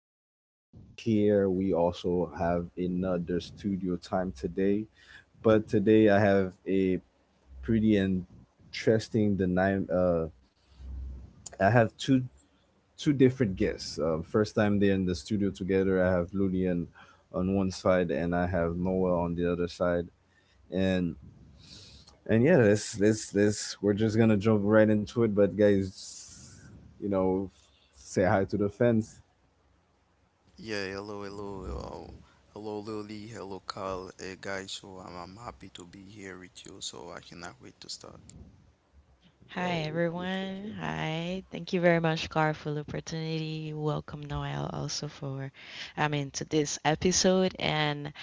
are in here. We also have another studio time today, but today I have a pretty interesting the nine. I have two different guests. First time they're in the studio together. I have Lulian on one side, and I have Noah on the other side. And and yeah, this we're just gonna jump right into it. But guys, you know, say hi to the fans. Yeah, hello, hello, hello, Lily, hello, Carl. Hey, guys, so I'm happy to be here with you, so I cannot wait to start. Hi Yo, we appreciate everyone. you. Hi. Thank you very much, Car, for the opportunity. Welcome Noel also for to this episode. And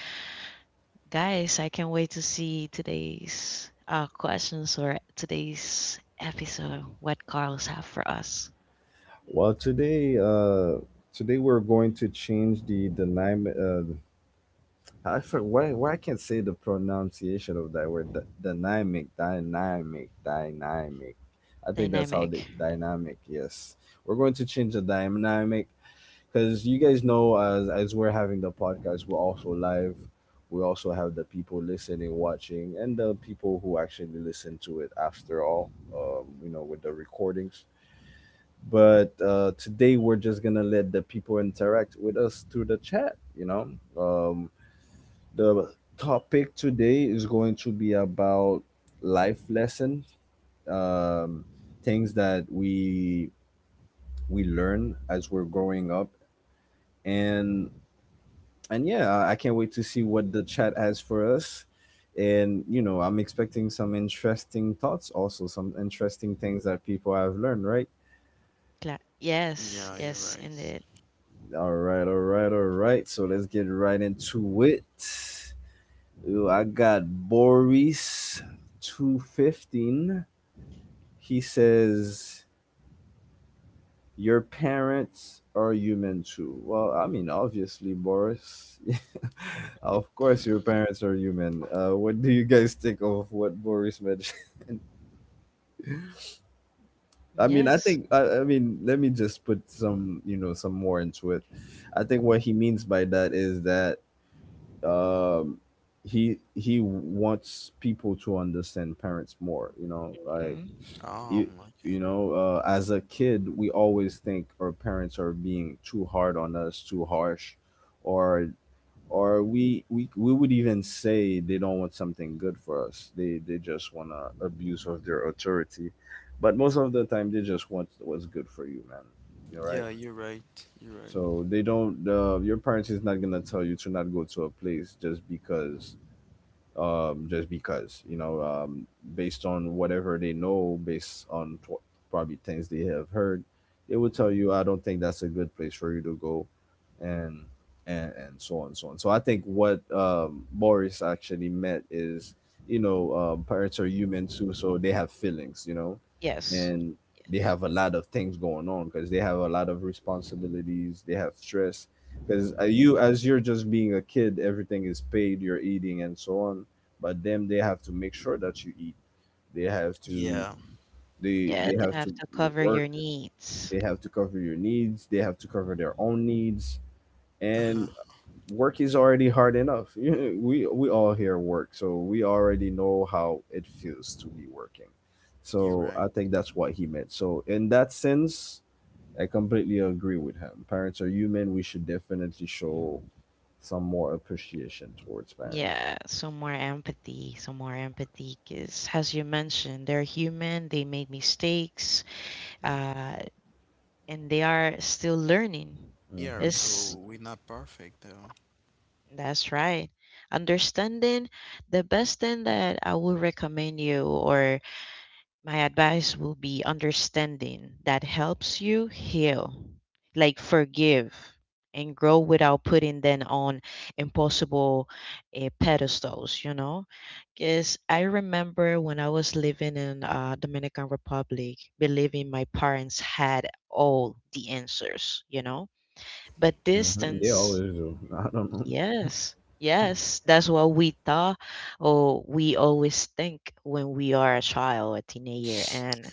guys, I can't wait to see today's questions or today's episode, what Carlos have for us. Well, today we're going to change the dynamic. I for Why I can't say the pronunciation of that word. Dynamic. I think that's how Dynamic. the dynamic. Yes, we're going to change the dynamic, because you guys know, as we're having the podcast, we're also live. We also have the people listening, watching, and the people who actually listen to it after all, you know, with the recordings. But today we're just gonna let the people interact with us through the chat, you know. Um, the topic today is going to be about life lessons, um, things that we learn as we're growing up. And and yeah, I can't wait to see what the chat has for us. And you know, I'm expecting some interesting thoughts, also some interesting things that people have learned, right? Yeah, Yes, you're yes, right. indeed. All right, all right, all right. So let's get right into it. Ooh, I got Boris 215. He says, "Your parents are human too." Well, I mean, obviously, Boris. Of course, your parents are human. What do you guys think of what Boris mentioned? I mean, Yes. I mean, let me just put some, you know, some more into it. I think what he means by that is that, um, he wants people to understand parents more. You know, like, Mhm. you, you Okay. know, as a kid, we always think our parents are being too hard on us, too harsh, or we would even say they don't want something good for us. They just want to abuse of their authority, but most of the time they just want what's good for you, man. You're right. Yeah, you're right. You're right. So they don't. Your parents is not gonna tell you to not go to a place just because, just because, you know, based on whatever they know, based on probably things they have heard, they will tell you, I don't think that's a good place for you to go. And and, and so on, so on. So I think what, Boris actually meant is, you know, parents are human too, so they have feelings, you know, Yes. and they Yes. have a lot of things going on because they have a lot of responsibilities, they have stress, because you, as you're just being a kid, everything is paid, you're eating, and so on. But then they have to make sure that you eat. They have to, Yeah, Yeah, they they have have to to cover work. your needs. They have to cover your needs, they have to cover their own needs, and uh-huh, work is already hard enough. We all hear work, so we already know how it feels to be working. you're So I right. think that's what he meant. So in that sense, I completely agree with him. Parents are human, we should definitely show some more appreciation towards parents. Yeah, some more empathy, because as you mentioned, they're human, they make mistakes, uh, and they are still learning. Yeah, It's, so we're not perfect, though. that's right. Understanding the best thing that I would recommend you or my advice will be understanding that helps you heal, like forgive and grow without putting them on impossible pedestals, you know? Because I remember when I was living in Dominican Republic, believing my parents had all the answers, you know? But Hmm, they always do, I don't know. yes, yes, that's what we thought or we always think when we are a child, a teenager, and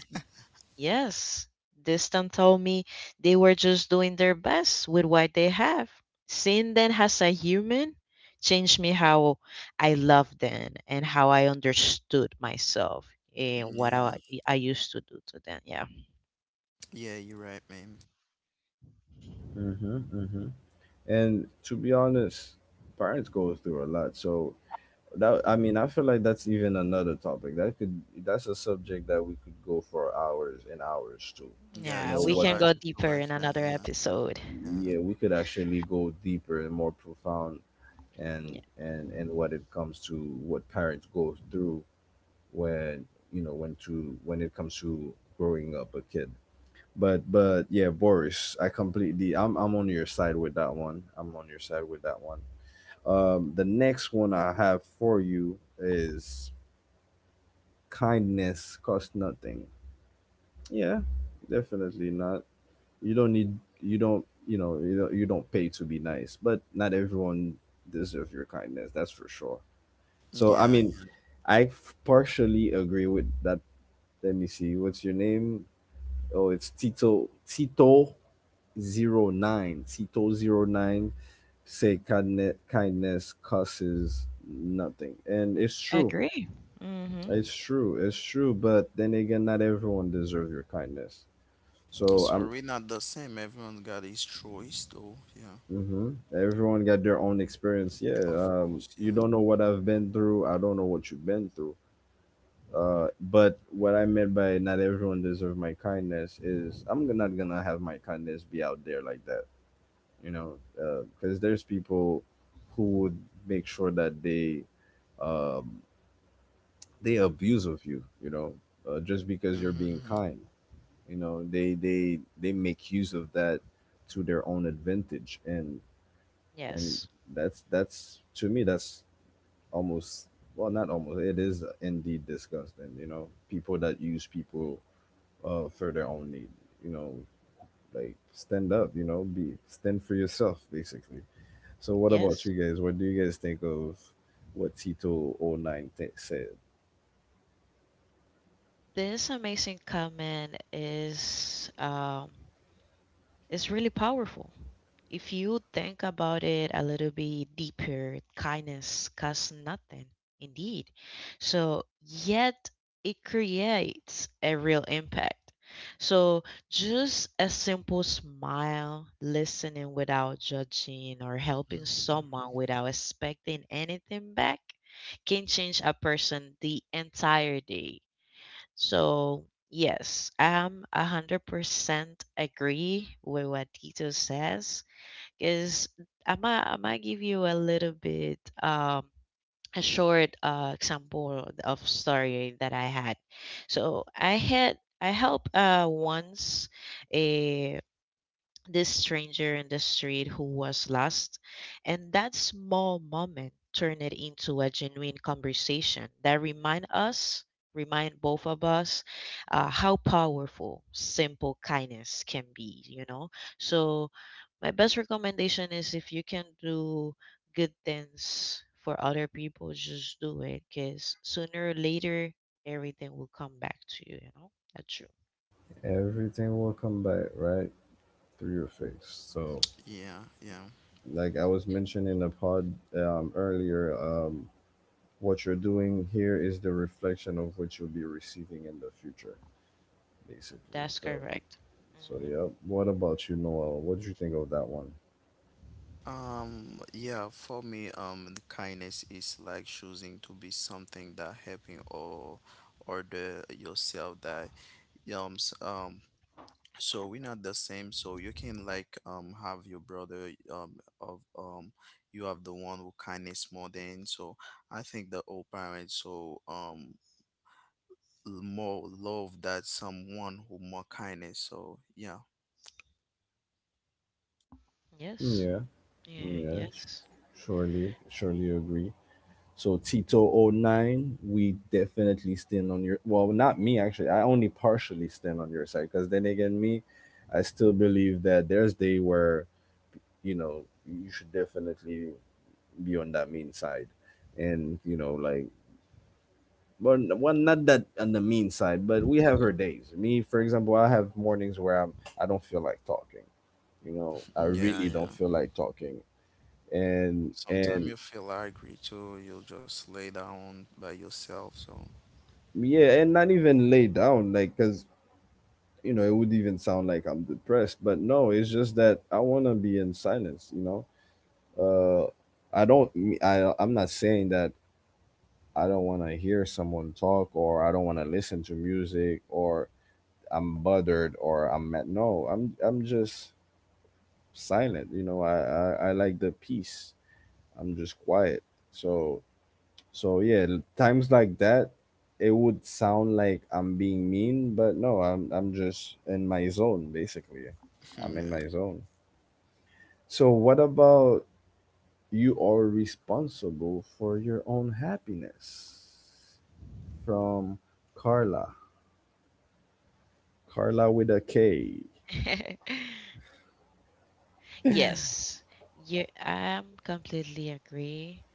yes, Distant told me they were just doing their best with what they have. Seeing them as a human changed me how I loved them and how I understood myself and Yeah, I used to do to them. Yeah. yeah, you're right, man. Mm-hmm, mm-hmm. And to be honest, parents go through a lot. So that I mean, I feel like that's even another topic. That's a subject that we could go for hours and hours to. You Yeah, Yeah, know we it's a what? can go lot. It's a deeper in lot. Yeah, another yeah, episode. yeah, Yeah, we could actually go deeper and more profound, Yeah, and what it comes to, what parents go through when, you know, when to when it comes to growing up a kid. But yeah, Boris, I'm on your side with that one. I'm on your side with that one. The next one I have for you is, kindness costs nothing. Yeah, definitely not. You don't need. You don't. You know. You don't. You don't pay to be nice. But not everyone deserves your kindness. That's for sure. So I yeah, mean, yeah. Partially agree with that. Let me see. What's your name? Oh, it's Tito. Tito 09. Tito 09. Say kindness. Kindness costs nothing, and it's true. agree. Mm-hmm. It's true. It's true. But then again, not everyone deserves your kindness. So I'm. So we're not the same. Everyone got his choice, though. Yeah, Hmm. Everyone got their own experience. Yeah. of course. You Yeah. don't know what I've been through. I don't know what you've been through. But what I meant by not everyone deserves my kindness is, I'm not gonna have my kindness be out there like that. You know. Because there's people who would make sure that they, um they abuse of you. You know. Just because you're Mm-hmm, being mm-hmm. kind, you know, they they make use of that to their own advantage, and Yes. that's, to me, that's almost, not almost, it is indeed disgusting, you know, people that use people for their own need. You know, like stand up, you know, be stand for yourself, basically. So what about Yes. you guys? What do you guys think of what Tito oh 09 said? This amazing comment is really powerful. If you think about it a little bit deeper, kindness costs nothing, indeed. So, yet it creates a real impact. So, just a simple smile, listening without judging, or helping Mhm. someone without expecting anything back can change a person the entire day. So, yes, I'm 100% agree with what Tito says is I might give you a little bit a short example of story that I had. So I helped once a this stranger in the street who was lost, and that small moment turned it into a genuine conversation that remind us, remind both of us, how powerful simple kindness can be. You know, so my best recommendation is if you can do good things for other people, just do it, because sooner or later everything will come back to you. You know, that's true. Everything will come back right through your face, so Yeah, yeah. like I was mentioning in the pod, earlier, what you're doing here is the reflection of what you'll be receiving in the future, basically. That's So, correct. so hmm yeah. What about you, Noel? What did you think of that one? Yeah, for me, the kindness is like choosing to be something that helping or the yourself that um s- um so we're not the same, so you can like have your brother of you have the one who kindness more than. So I think the old parents, so more love that someone who more kindness. So yeah, Yes. Yeah, Yeah, yeah, yes. surely, surely agree. So Tito oh nine, we definitely stand on your, well, not me actually. I only partially stand on your side, because then again, me, I still believe that there's day where, you know, you should definitely beyond that mean side, and, you know, like, well, not that on the mean side, but we have our days. Me, for example, I have mornings where I don't feel like talking. You know, I yeah, really don't yeah. feel like talking, and Sometimes and you feel angry too. You'll just lay down by yourself. So yeah, and not even lay down, like, cause you know, it would even sound like I'm depressed, but no, it's just that I wanna be in silence. You know, I don't. I'm not saying that I don't want to hear someone talk, or I don't want to listen to music, or I'm bothered, or I'm mad. No, I'm just silent. You know, I like the peace. I'm just quiet. So, so yeah, times like that, it would sound like I'm being mean, but no, I'm just in my zone, basically. I'm in yeah, my zone. So what about, you are responsible for your own happiness? From Carla. Carla with a K. Yes. Yeah, I'm completely agree.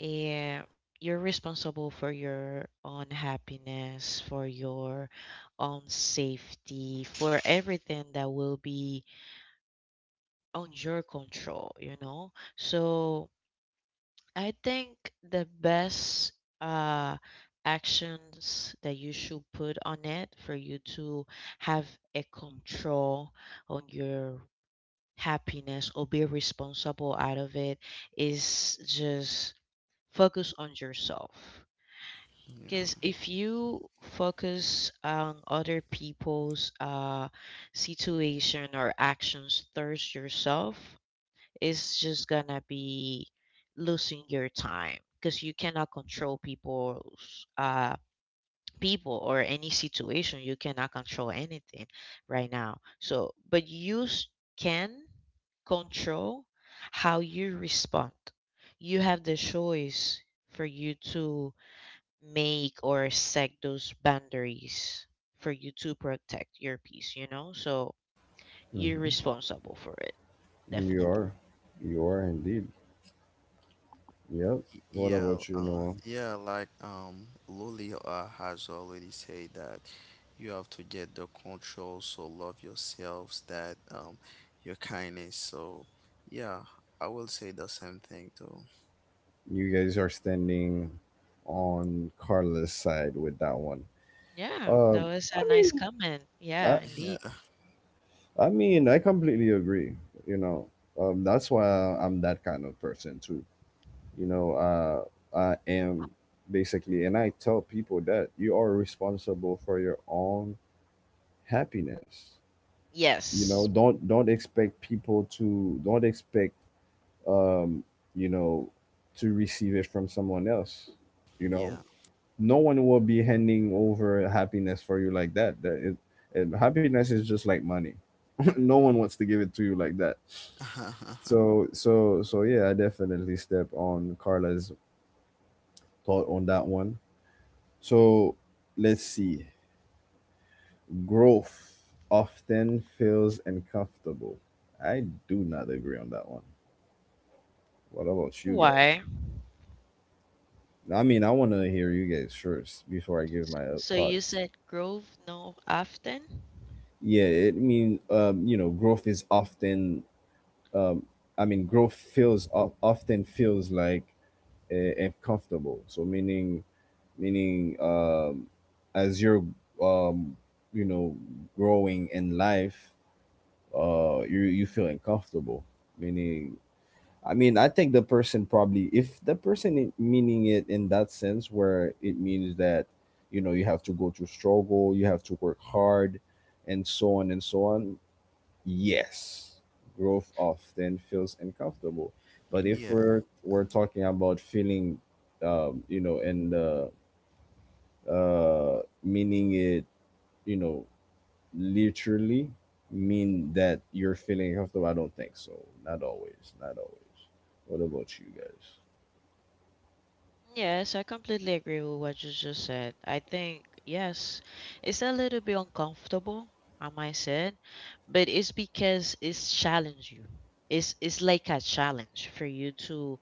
Yeah, you're responsible for your own happiness, for your own safety, for everything that will be on your control, you know? So I think the best uh actions that you should put on it for you to have a control on your happiness or be responsible out of it is just focus on yourself because yeah, if you focus on other people's situation or actions towards yourself it's just gonna be losing your time because you cannot control people's people or any situation, you cannot control anything right now. So can control how you respond. You have the choice for you to make or set those boundaries for you to protect your peace, you know? So you're Mhm. responsible for it, You are. definitely. You are indeed. Yep. What about yeah, you, Noah? yeah. Like Luli has already said that you have to get the control. So love yourselves. That your kindness. So yeah, I will say the same thing too. You guys are standing on Carla's side with that one. Yeah, that was I a nice mean, comment. I, Yeah, indeed. I mean, I completely agree. You know, that's why I'm that kind of person too. You know, I am basically, and I tell people that you are responsible for your own happiness. You know, Yes. Don't expect people to don't expect um, you know, to receive it from someone else. You Yeah, know, yeah, no one will be handing over happiness for you like that. That it, and happiness is just like money. No one wants to give it to you like that. So, so, so yeah, I definitely step on Carla's thought on that one. So, let's see. Growth often feels uncomfortable. I do not agree on that one. What about you guys? Why? I mean, I want to hear you guys first before I give my So you thoughts. said grove no often. Yeah, I mean, you know, um, I mean, growth feels often feels like uncomfortable. So meaning, meaning, as you're, um, you know, growing in life, you feel uncomfortable. Meaning, I mean, I think the person probably, if the person meaning it in that sense, where it means that, you know, you have to go through struggle, you have to work hard, and so on, yes, growth often feels uncomfortable. But if yeah, we're talking about feeling, you know, and meaning it, you know, literally mean that you're feeling comfortable, I don't think so. Not always. Not always. What about you guys? Yes, I completely agree with what you just said. I think, yes, it's a little bit uncomfortable, I might say, but it's because it's challenge you. It's like a challenge for you to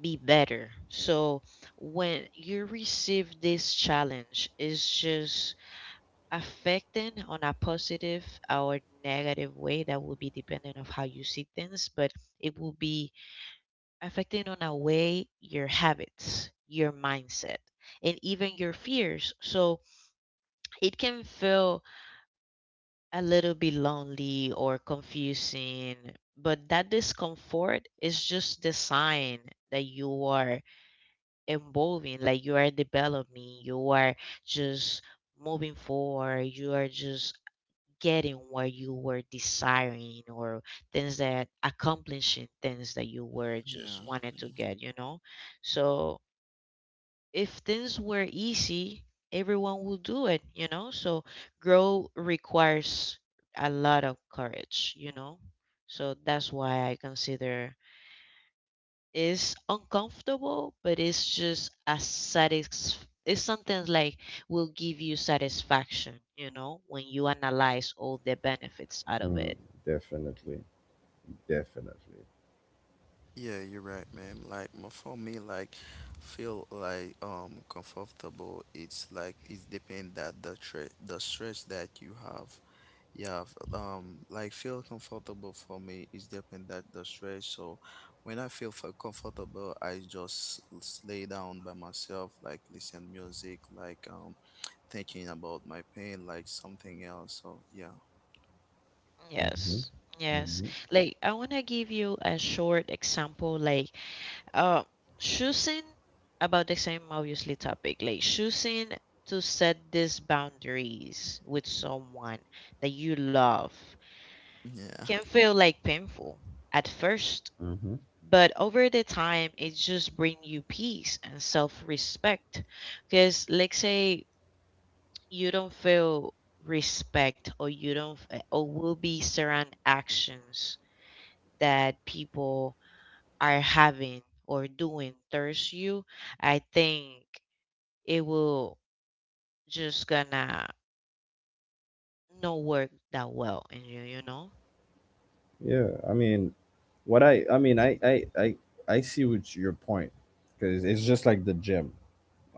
be better. So when you receive this challenge, it's just affecting on a positive or negative way that will be dependent of how you see things, but it will be affecting on a way your habits, your mindset, and even your fears. So it can feel a little bit lonely or confusing, but that discomfort is just the sign that you are evolving, like you are developing, you are just moving forward, you are just getting what you were desiring or things that accomplishing things that you were just yeah. wanted to get, you know? So if things were easy, everyone would do it, you know? So growth requires a lot of courage, you know? So that's why I consider it's uncomfortable, but it's just a satis it's something like will give you satisfaction, you know, when you analyze all the benefits out of Mm, it. definitely. Definitely. Yeah, you're right, ma'am. Like for me, like feel like comfortable. It's like it's depend that the tre the stress that you have. Yeah, like feel comfortable for me is depend that the stress. So when I feel comfortable, I just lay down by myself, like listen music, like thinking about my pain, like something else. So yeah, Hmm. Yes. Yes. Hmm. Like I want to give you a short example, like uh choosing about the same obviously topic, like choosing to set these boundaries with someone that you love yeah, can feel like painful at first, Hmm. but over the time it just brings you peace and self-respect, because let's say you don't feel respect, or you don't or will be certain actions that people are having or doing thirst you, I think it will just gonna not work that well in you, you know? Yeah. I mean, what I mean I see what your point, because it's just like the gym.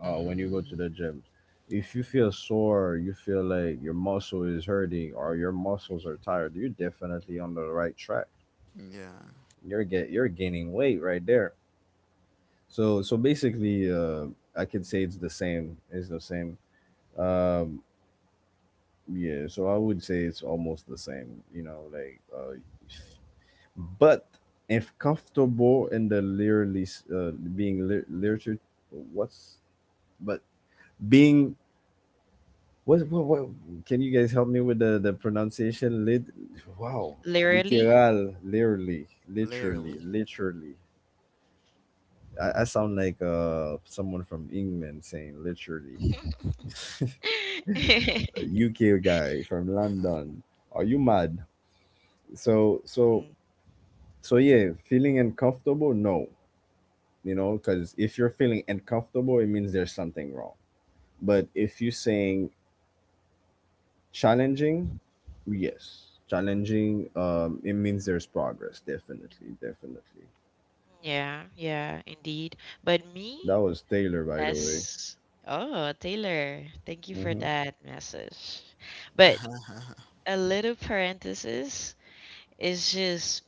When you go to mm-hmm, the gym, if you feel sore, you feel like your muscle is hurting, or your muscles are tired, you're definitely on the right track. yeah, You're gaining weight right there. So so basically, I can say it's the same. It's the same. Yeah, so I would say it's almost the same, like, but if comfortable in the literally being literature. What's but being what Can you guys help me with the pronunciation? Lit, wow, Literally. literal, literally, literally, literally. literally. I sound like someone from England saying literally, a UK guy from London. Are you mad? So so Mm, So yeah, feeling uncomfortable, no, because if you're feeling uncomfortable, it means there's something wrong. But if you're saying challenging, yes, challenging, it means there's progress, definitely, definitely. yeah, yeah, indeed. But me, That was Taylor, by the way. that's oh, Taylor, thank you for that message. But a little parenthesis is just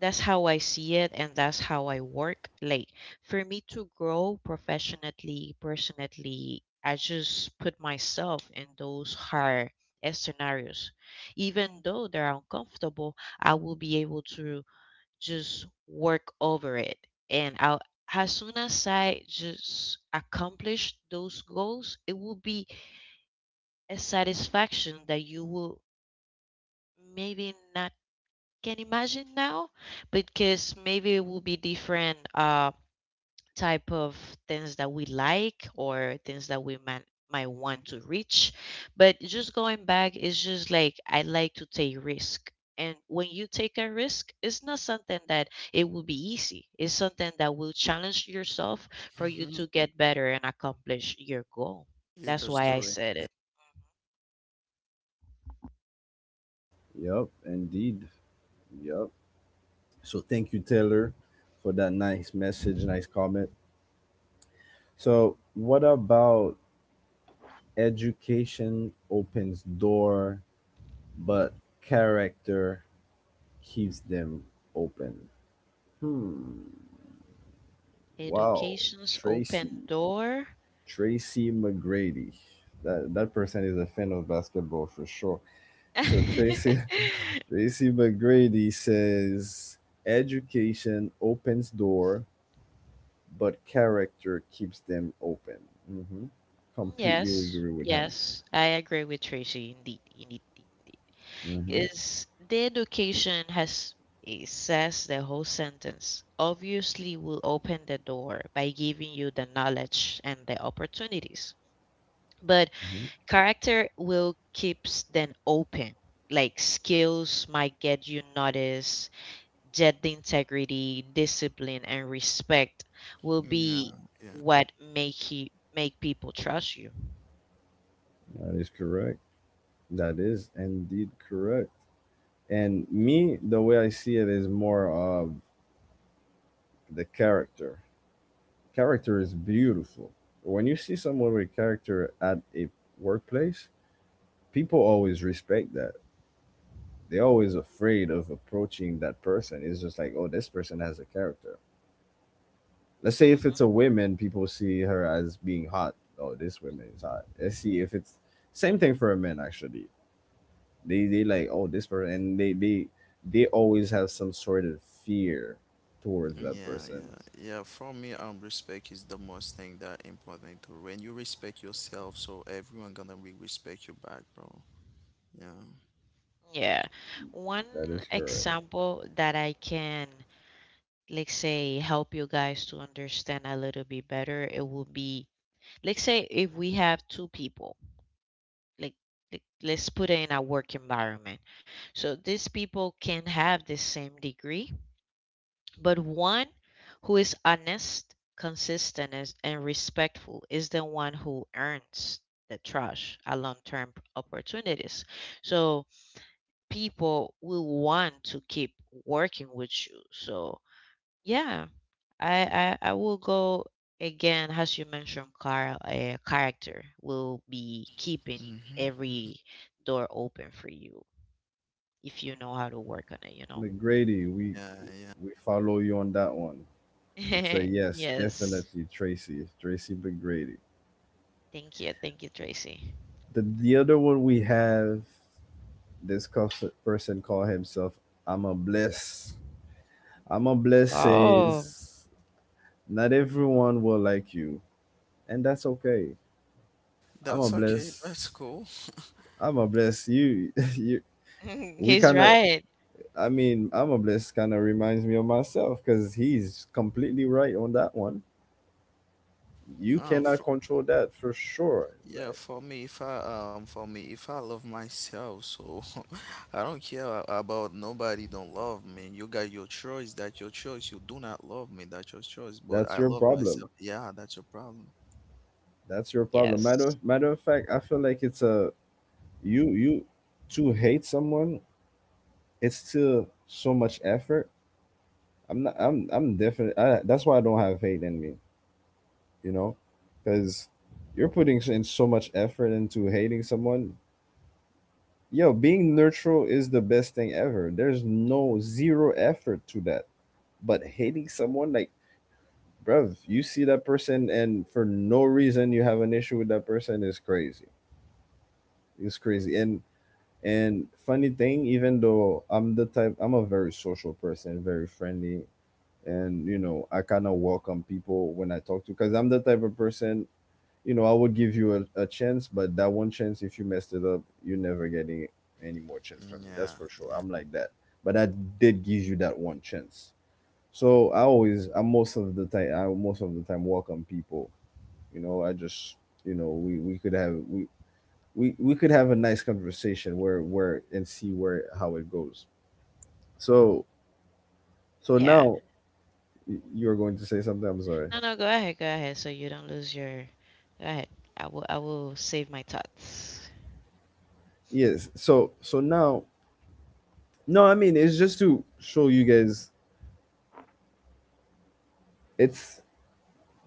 that's how I see it, and that's how I work. Like, for me to grow professionally, personally, I just put myself in those hard scenarios. Even though they're uncomfortable, I will be able to just work over it. And I'll, as soon as I just accomplish those goals, it will be a satisfaction that you will maybe not can imagine now, because maybe it will be different type of things that we like or things that we might want to reach. But just going back, it's just like I like to take risk, and when you take a risk, it's not something that it will be easy. It's something that will challenge yourself for you to get better and accomplish your goal. You That's just why I do it. said Yeah. it. Yep, indeed. Yep. So thank you, Taylor, for that nice message, nice comment. So what about education opens door, but character keeps them open? Hmm. Wow, Education's open Tracy, door. Tracy McGrady. That person is a fan of basketball for sure. So Tracy, Tracy McGrady says, "Education opens door, but character keeps them open." Hmm. Mm, Completely yes, agree with him. yes, I agree with Tracy. Indeed, indeed, indeed. Mm-hmm. Indeed. Is the education has it says the whole sentence. Obviously, will open the door by giving you the knowledge and the opportunities, but Mm-hmm. character will keeps them open. Like skills might get you noticed, yet the integrity, discipline, and respect will Yeah. be Yeah. what make you make people trust you. That is correct. That is indeed correct. And me, the way I see it is more of the character. Character is beautiful. When you see someone with character at a workplace, people always respect that. They're always afraid of approaching that person. It's just like, oh, this person has a character. Let's say if it's a woman, people see her as being hot. Oh, this woman is hot. Let's see if it's same thing for a man actually. They like, oh, this person and they always have some sort of fear towards that Yeah. person. Yeah. Yeah. For me, respect is the most thing that important to when you respect yourself, so everyone gonna be respect you back, bro. Yeah. Yeah. One That is correct. example that I can, let's say, help you guys to understand a little bit better, it would be, let's say, if we have two people, like, like let's put it in a work environment. So these people can have the same degree, but one who is honest, consistent, and respectful is the one who earns the trust, a long-term opportunities. So people will want to keep working with you. So yeah, I will go again as you mentioned. Car character will be keeping Mm-hmm. every door open for you if you know how to work on it. You know. McGrady, we Yeah. Yeah. we follow you on that one. It's a yes, yes. definitely Tracy. Tracy McGrady. Thank you. Thank you, Tracy. The other one we have this person call himself I'm a bless. I'm a bless Oh, says not everyone will like you, and that's okay. I'm a That's okay. bless. That's cool. I'm a bless you. you we he's kind of. right. I mean, I'm a bless kind of reminds me of myself because he's completely right on that one. You Um, cannot for, control that for sure. yeah, Like, for me, if I for me, if I love myself, so I don't care about nobody don't love me. You got your choice. That's your choice. You do not love me. That's your choice. But that's I your love problem myself. Yeah, that's your problem. that's your problem. Matter Yes. matter of fact, I feel like it's a you to hate someone. It's still so much effort. I'm not. That's why I don't have hate in me. You know, because you're putting in so much effort into hating someone. Yo, being neutral is the best thing ever. There's no zero effort to that. But hating someone, like, bruv, you see that person and for no reason you have an issue with that person is crazy. It's crazy. And funny thing, even though I'm the type, I'm a very social person, very friendly, and you know, I kind of welcome people when I talk to, because I'm the type of person, you know, I would give you a chance, but that one chance, if you messed it up, you're never getting any more chance from Mm, me. That's yeah. for sure. I'm like that, but I did give you that one chance. So I most of the time welcome people. You know, I just, you know, we we could have we we could have a nice conversation where and see where how it goes. So Yeah. now, you're going to say something. I'm sorry. No, no. Go ahead. Go ahead. So you don't lose your. Go ahead. I will save my thoughts. Yes, so now, no, I mean it's just to show you guys, it's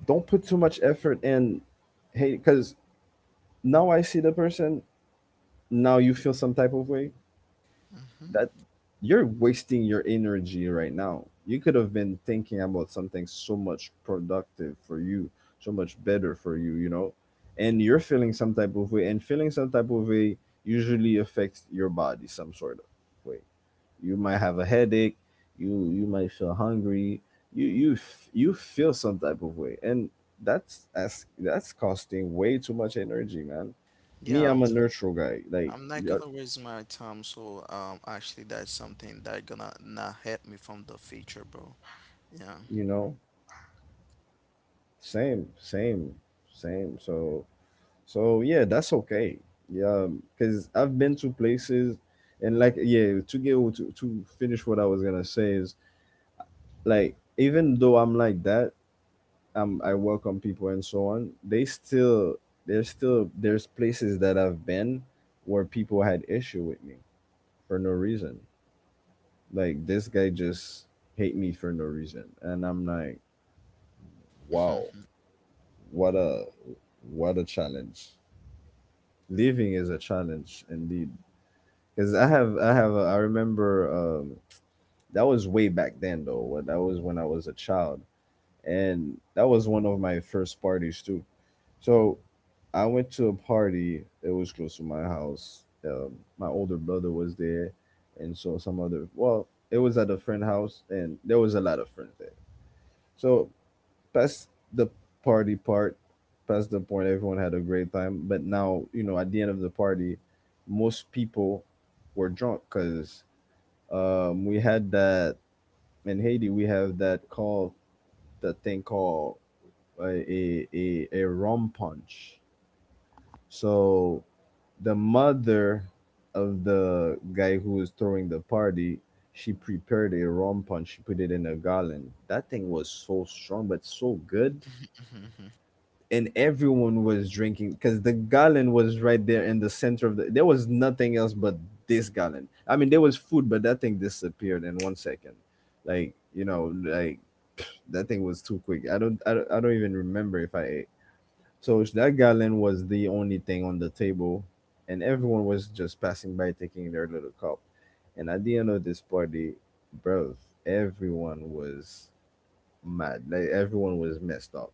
don't put too much effort in. Hey, because now I see the person, now you feel some type of way Hmm. that you're wasting your energy right now. You could have been thinking about something so much productive for you, so much better for you, you know, and you're feeling some type of way, and feeling some type of way usually affects your body some sort of way. You might have a headache, you might feel hungry, you feel some type of way, and that's costing way too much energy, man. Me, Yeah, I'm a neutral guy, like I'm not yup, gonna waste my time. So actually, that's something that gonna not help me from the future, bro. Yeah. you know, same, same, same. So, yeah, that's okay. Yeah, because I've been to places, and like yeah, to get to finish what I was gonna say is like even though I'm like that, I welcome people and so on. They still there's places that I've been where people had issue with me for no reason. Like this guy just hate me for no reason, and I'm like, wow, what a what a challenge. Leaving is a challenge indeed because I remember um that was way back then though, when I was a child, and that was one of my first parties too. So I went to a party. It was close to my house. My older brother was there, and so some other well, it was at a friend house and there was a lot of friends there. So past the party part, past the point, everyone had a great time. But now, you know, at the end of the party, most people were drunk because we had that in Haiti. We have that thing called a rum punch. So the mother of the guy who was throwing the party, she prepared a rum punch. She put it in a gallon. That thing was so strong, but so good, and everyone was drinking because the gallon was right there in the center of there was nothing else but this gallon. I mean, there was food but that thing disappeared in 1 second. Like, you know, like that thing was too quick. I don't even remember if I ate. So that gallon was the only thing on the table, and everyone was just passing by taking their little cup, and at the end of this party, bro, everyone was mad, like everyone was messed up.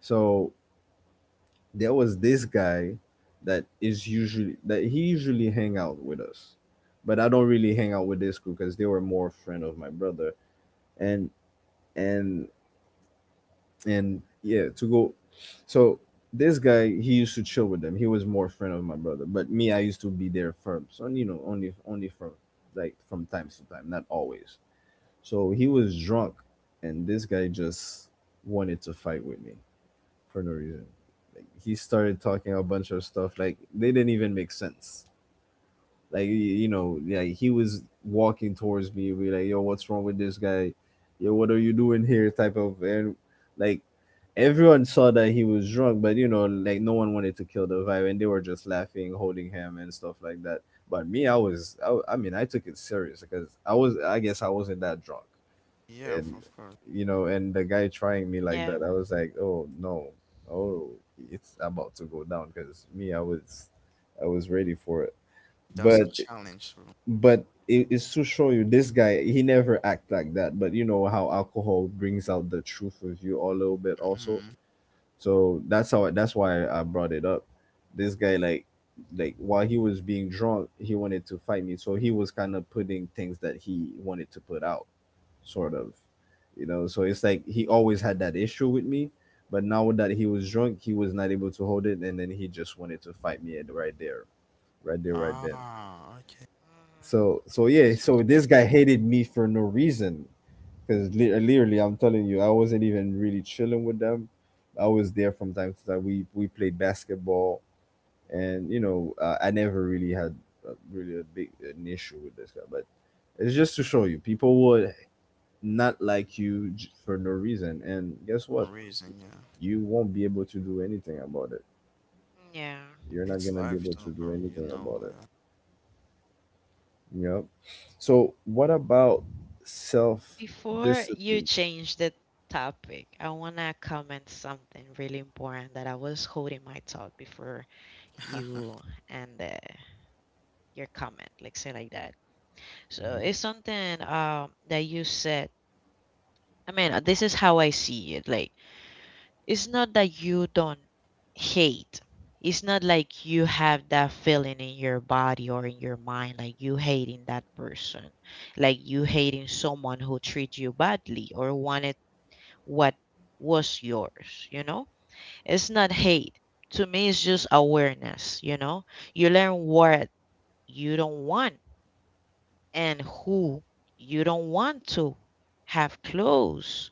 So there was this guy that he usually hang out with us, but I don't really hang out with this group because they were more friend of my brother. And and and yeah, to go so this guy he used to chill with them. He was more friend of my brother but me, I used to be there firm, so you know, only from like from time to time, not always. So he was drunk, and this guy just wanted to fight with me for no reason. He started talking a bunch of stuff like they didn't even make sense. Like you know, like he was walking towards me, be like, "Yo, what's wrong with this guy? Yo, what are you doing here?" Type of and like everyone saw that he was drunk, but you know, like no one wanted to kill the vibe, and they were just laughing, holding him, and stuff like that. But me, I mean, I took it serious because I was, I guess, I wasn't that drunk, Yeah, and of course. you know, and the guy trying me like Yeah. that, I was like, oh no. Oh, it's about to go down because me, I was ready for it. That's a but challenge, bro. but it's to show you, this guy he never act like that but you know how alcohol brings out the truth of you a little bit also. Mhm. So that's why I brought it up. This guy, like, while he was being drunk he wanted to fight me, so he was kind of putting things that he wanted to put out sort of, you know, so it's like he always had that issue with me, but now that he was drunk he was not able to hold it and then he just wanted to fight me at right there, right there, right then. Ah, okay. Mhm. So That yeah, so sounds this guy crazy. hated me for no reason because literally, I'm telling you, I wasn't even really chilling with them. I was there from time to time, we played basketball, and you know, I never really had really a big an issue with this guy. But it's just to show you, people will not like you for no reason. And guess No what? reason, yeah. You won't be able to do anything about it. Yeah. You're not It's gonna be life, able though, to do bro. You anything know. about it. Yep. So what about self Before you discipline? change the topic, I want to comment something really important that I was holding my thought before you and your comment, like say like that. So Hmm. it's something that you said. I mean, this is how I see it. Like it's not that you don't hate. It's not like you have that feeling in your body or in your mind, like you hating that person, like you hating someone who treated you badly or wanted what was yours, you know? It's not hate. To me, it's just awareness, you know? You learn what you don't want and who you don't want to have close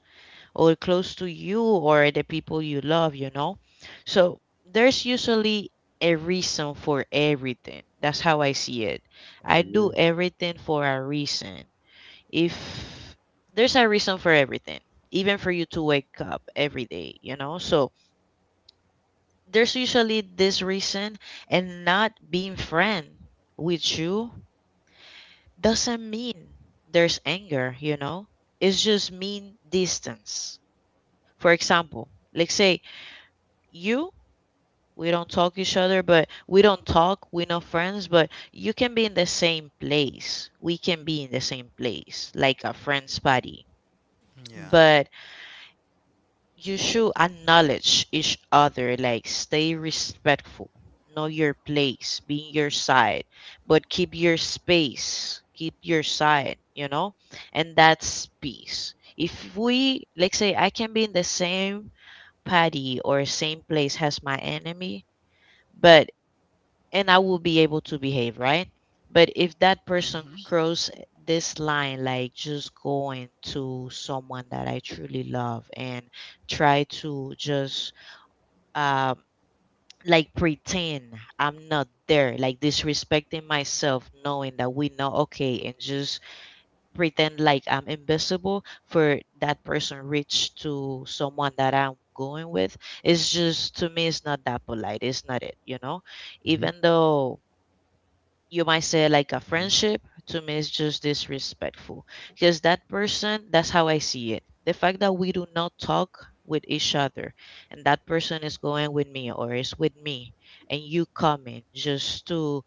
or close to you or the people you love, you know? So there's usually a reason for everything. That's how I see it. I I do agree. everything for a reason. If there's a reason for everything, even for you to wake up every day, you know? So there's usually this reason, and not being friend with you doesn't mean there's anger, you know? It's just mean distance. For example, let's say you we don't talk each other but we don't talk we not friends, but you can be in the same place, we can be in the same place like a friends party, yeah. but you should acknowledge each other, like stay respectful, know your place, be in your side, but keep your space, keep your side, you know? And that's peace. If we like say I can be in the same party or same place as my enemy, but and I will be able to behave, right? But if that person Hmm. cross this line, like just going to someone that I truly love and try to just um like pretend I'm not there, like disrespecting myself, knowing that we know okay, and just pretend like I'm invisible for that person reach to someone that I'm going with. It's just to me, it's not that polite. It's not it. Hmm. Even though you might say, like, a Hmm. friendship to me is just disrespectful because that person, that's how I see it, the fact that we do not talk with each other and that person is going with me or is with me, and you coming just to,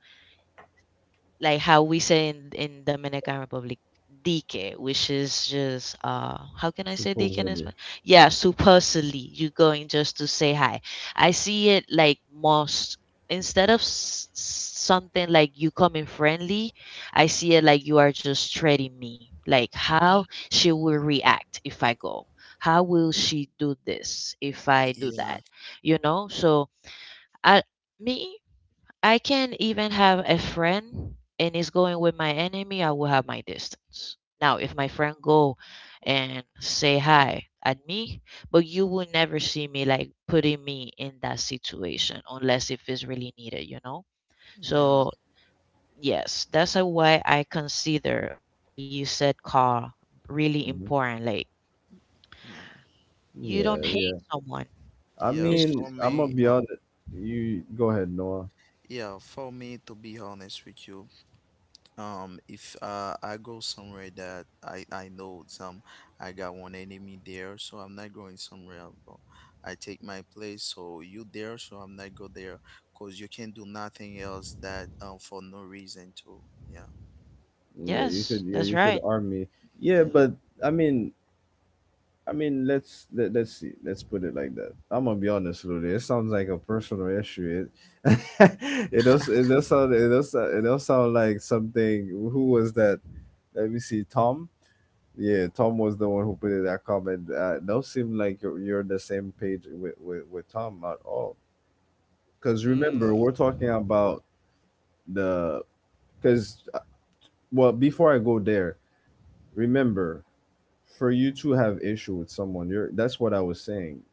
like how we say in Dominican Republic, dique, which is just how can I say dique in Supposedly. Spanish? Yeah, supercilly. You going just to say hi. I see it like, most instead of something like you coming friendly, I see it like you are just treating me. Like Hmm. how she will react if I go. How will she do this if I do Yeah. that? You know? So I me I can even have a friend and is going with my enemy, I will have my distance. Now, if my friend go and say hi at me, but you will never see me like putting me in that situation unless if it's really needed, you know? Yeah. So, yes, that's a why I consider what you said, Carl, really Hmm. important. Like, Yeah. you don't Yeah, hate yeah. someone. I Yeah. It's, mean, For I'm gonna me, be honest. You go ahead, Noah. yeah. For me, to be honest with you, if I go somewhere that I know some I got one enemy there, so I'm not going somewhere else, bro. I take my place, so you there, so I'm not go there, cause you can do nothing else that for no reason too. Yeah, Yeah, you yes, could. Yeah, that's you could right. arm me. Yeah, yeah. but I mean, let's let's see. Let's put it like that. I'm gonna be honest, Lulu. It sounds like a personal issue. It it does sound like something. Who was that? Let me see. Tom. Yeah, Tom was the one who put in that comment. It don't seem like you're on the same page with Tom at all. Because Nah. remember, Mm, we're talking about the because well, before I go there, remember, for you to have issue with someone, you're that's what I was saying,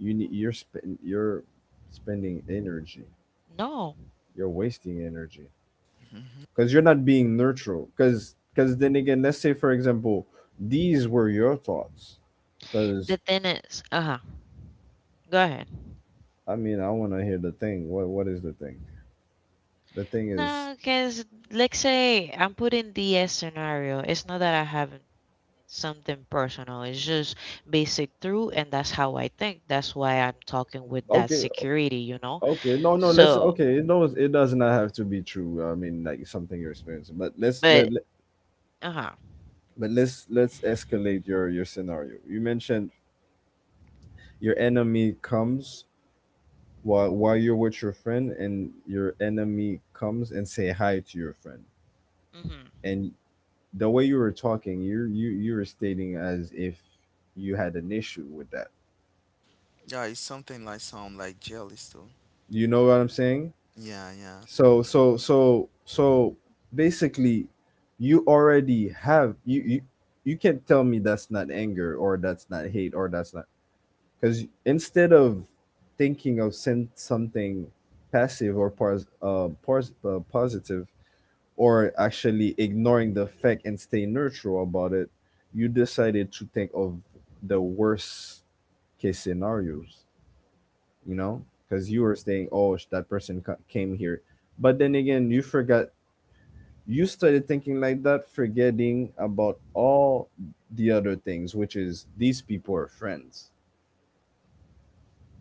you need you're spending energy, no, you're wasting energy, Mhm. because you're not being neutral, because then again, let's say for example these were your thoughts, the because... thing is, uh huh. Go ahead. I mean, I want to hear the thing. What is the thing? The thing is... No, because let's say I'm putting the scenario. It's not that I have something personal. It's just basic through, and that's how I think. That's why I'm talking with that okay. security, you know. Okay, no, no, Yeah, let's So, okay, it knows it does not have to be true. I mean, like, something you're experiencing. But but uh huh. but let's escalate your scenario you mentioned. Your enemy comes while you're with your friend, and your enemy comes and say hi to your friend. Hmm. And the way you were talking, you were stating as if you had an issue with that. yeah, it's something like sound like jealous too. You know what I'm saying? Yeah, yeah, So basically you already have you can't tell me that's not anger, or that's not hate, or that's not... because instead of thinking of send something passive or positive, or actually ignoring the fact and stay neutral about it, you decided to think of the worst case scenarios. You know, because you were saying, oh, that person came here. But then again, you forgot, you started thinking like that, forgetting about all the other things, which is, these people are friends.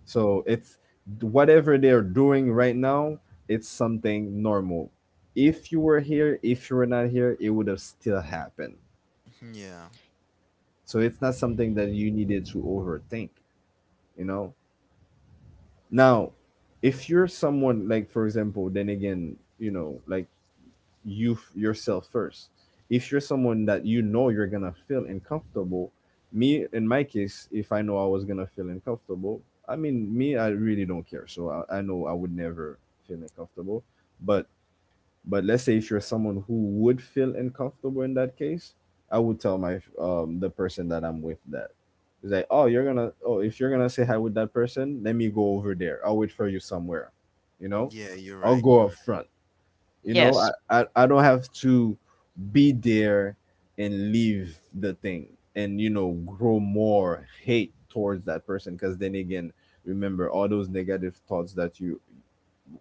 So it's whatever they're doing right now, it's something normal. If you were here, if you were not here, it would have still happened. yeah, So it's not something that you needed to overthink, you know. Now, if you're someone like, for example, then again, you know, like, yourself first. If you're someone that you know you're gonna feel uncomfortable, me in my case, if I know I was gonna feel uncomfortable, I mean, me, I really don't care. So I know I would never feel uncomfortable, but let's say if you're someone who would feel uncomfortable in that case, I would tell my... the person that I'm with that. It's like, oh, you're gonna oh if you're gonna say hi with that person, let me go over there. I'll wait for you somewhere. You know, yeah. You're I'll right. You're go up right. front. You know, I Yes. I, I don't have to be there and leave the thing, and you know, grow more hate towards that person, because then again, remember all those negative thoughts that you...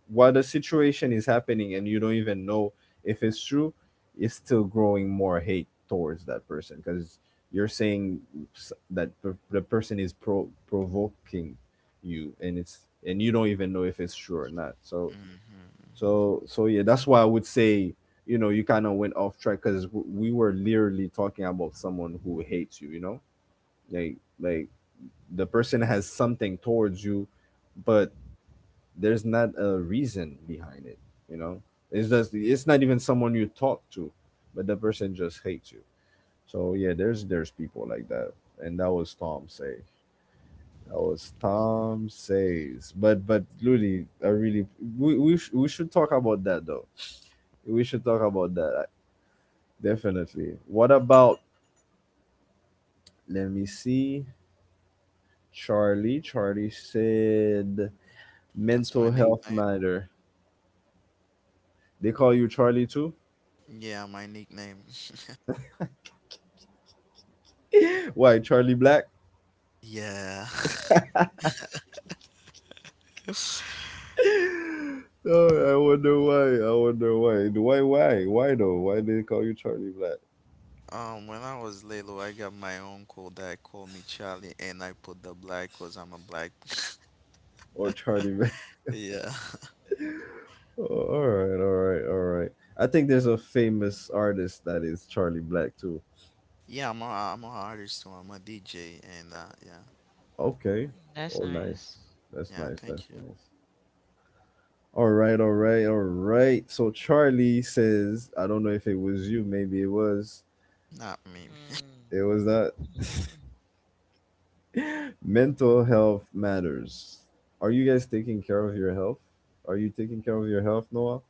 while the situation is happening and you don't even know if it's true, it's still growing more hate towards that person, because you're saying that the person is provoking you, and it's and you don't even know if it's true or not. So... Hmm. Yeah, that's why I would say, you know, you kind of went off track, because we were literally talking about someone who hates you. You know, like the person has something towards you, but there's not a reason behind it. You know, it's just, it's not even someone you talk to, but the person just hates you. So yeah, there's people like that. And that was Tom says. But really, I really we should talk about that, though. We should talk about that, definitely. What about... let me see... Charlie said That's my mental health nickname. matter. They call you Charlie too? Yeah, my nickname. Why Charlie Black? Yeah. Oh, I wonder why. I wonder why. Why? Why? Why though? Why did they call you Charlie Black when I was little, I got my uncle that called me Charlie, and I put the black because I'm a black. or Charlie Man? Yeah, Oh, all right, all right, all right. I think there's a famous artist that is Charlie Black too. yeah, I'm a artist too. I'm a DJ, and yeah, Okay. Mm, that's Oh, nice. nice. That's yeah. nice. Thank That's you. nice. All right, all right, all right. So Charlie says, I don't know if it was you. Maybe it was. Not me. Hmm. It was that mental health matters. Are you guys taking care of your health? Are you taking care of your health, Noah?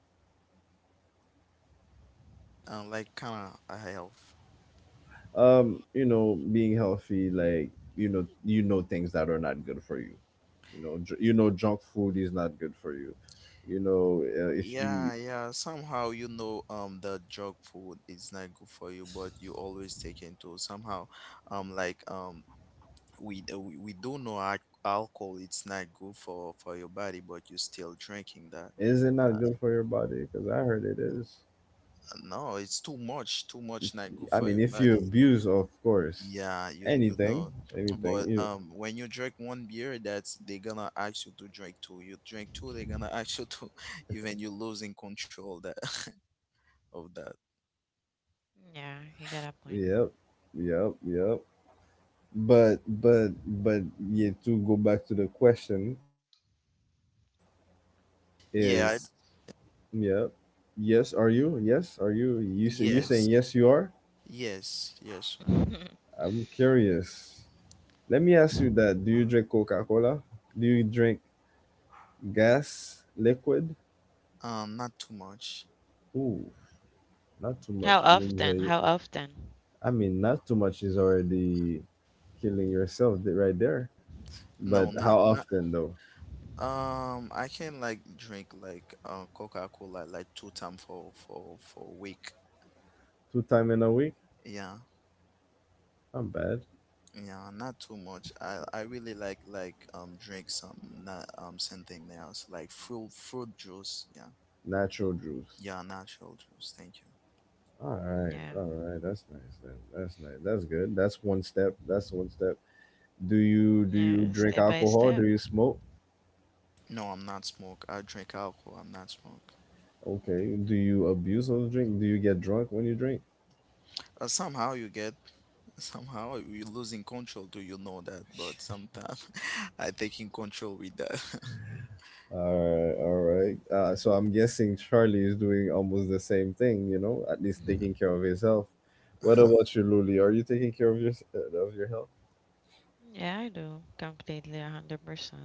Like kind of a health. You know, being healthy, like, you know, things that are not good for you. You know, you know, junk food is not good for you. You know, if you... Yeah, yeah. Somehow you know, the junk food is not good for you, but you always take into somehow, um, like um, we we do know alcohol it's not good for your body, but you still drinking that. Is it not good for your body? Because I heard it is. No, it's too much not good I for mean, your if you body. abuse, of course, Yeah, you anything... know. But you... when you drink one beer, that's they're gonna ask you to drink two. You drink two, they're gonna ask you to even you losing control that of that. Yeah, you got a point. Yep. yep yep but yeah, to go back to the question Yeah, is... yep. Yes, are you... yes, are you, you say you're yes. saying yes, you are? Yes, yes, sir. I'm curious. Let me ask you that. Do you drink Coca Cola? Do you drink gas, liquid? Not too much. Ooh, not too How much means often? a... How often? I mean, not too much is already killing yourself right there. No, But not how not often though? I can like drink like Coca-Cola like two times for a week. Two time in a week? Yeah. Not bad. Yeah, not too much. I really like drink some not something else like fruit fruit juice. Yeah, Natural juice. yeah, natural juice. Thank you. All right, Yeah, all right. That's nice. Then that's nice. That's good. That's one step. That's one step. Do you yeah. drink Step by alcohol? step. Do you smoke? No, I'm not smoke. I drink alcohol. I'm not smoke. Okay. Do you abuse of drink? Do you get drunk when you drink? Somehow you get somehow you're losing control. Do you know that? But sometimes I taking control with that. All right, all right. So I'm guessing Charlie is doing almost the same thing, you know, at least Mhm. taking care of his health. What about you, Luli? Are you taking care of your of your health? Yeah, I do completely, 100%.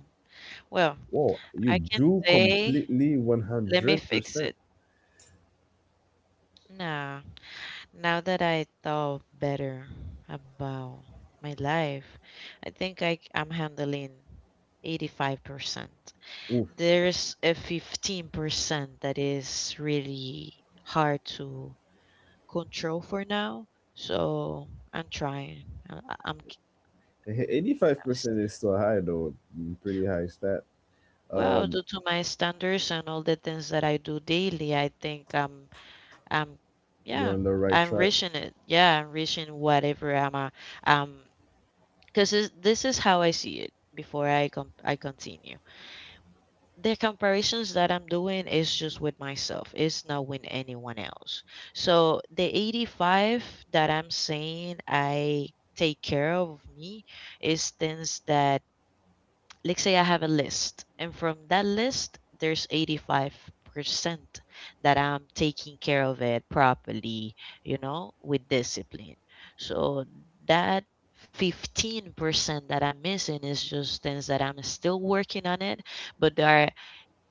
Well, Whoa, I you can do say, completely let me fix 100%. it. Nah, now that I thought better about my life, I think I am handling 85%. Oof. There's a 15% that is really hard to control for now. So I'm trying. I- I'm, c- I'm st- 85% is still high, though. Mm. Pretty high stat. Well, due to my standards and all the things that I do daily, I think I'm Um, You're yeah, on the right I'm track. rich it. Yeah, I'm rich whatever I'm a, um, because this is how I see it before I continue. The comparisons that I'm doing is just with myself. It's not with anyone else. So the 85 that I'm saying I take care of me is things that, like say I have a list, and from that list, there's 85% that I'm taking care of it properly, you know, with discipline. So that 15% that I'm missing is just things that I'm still working on it, but they are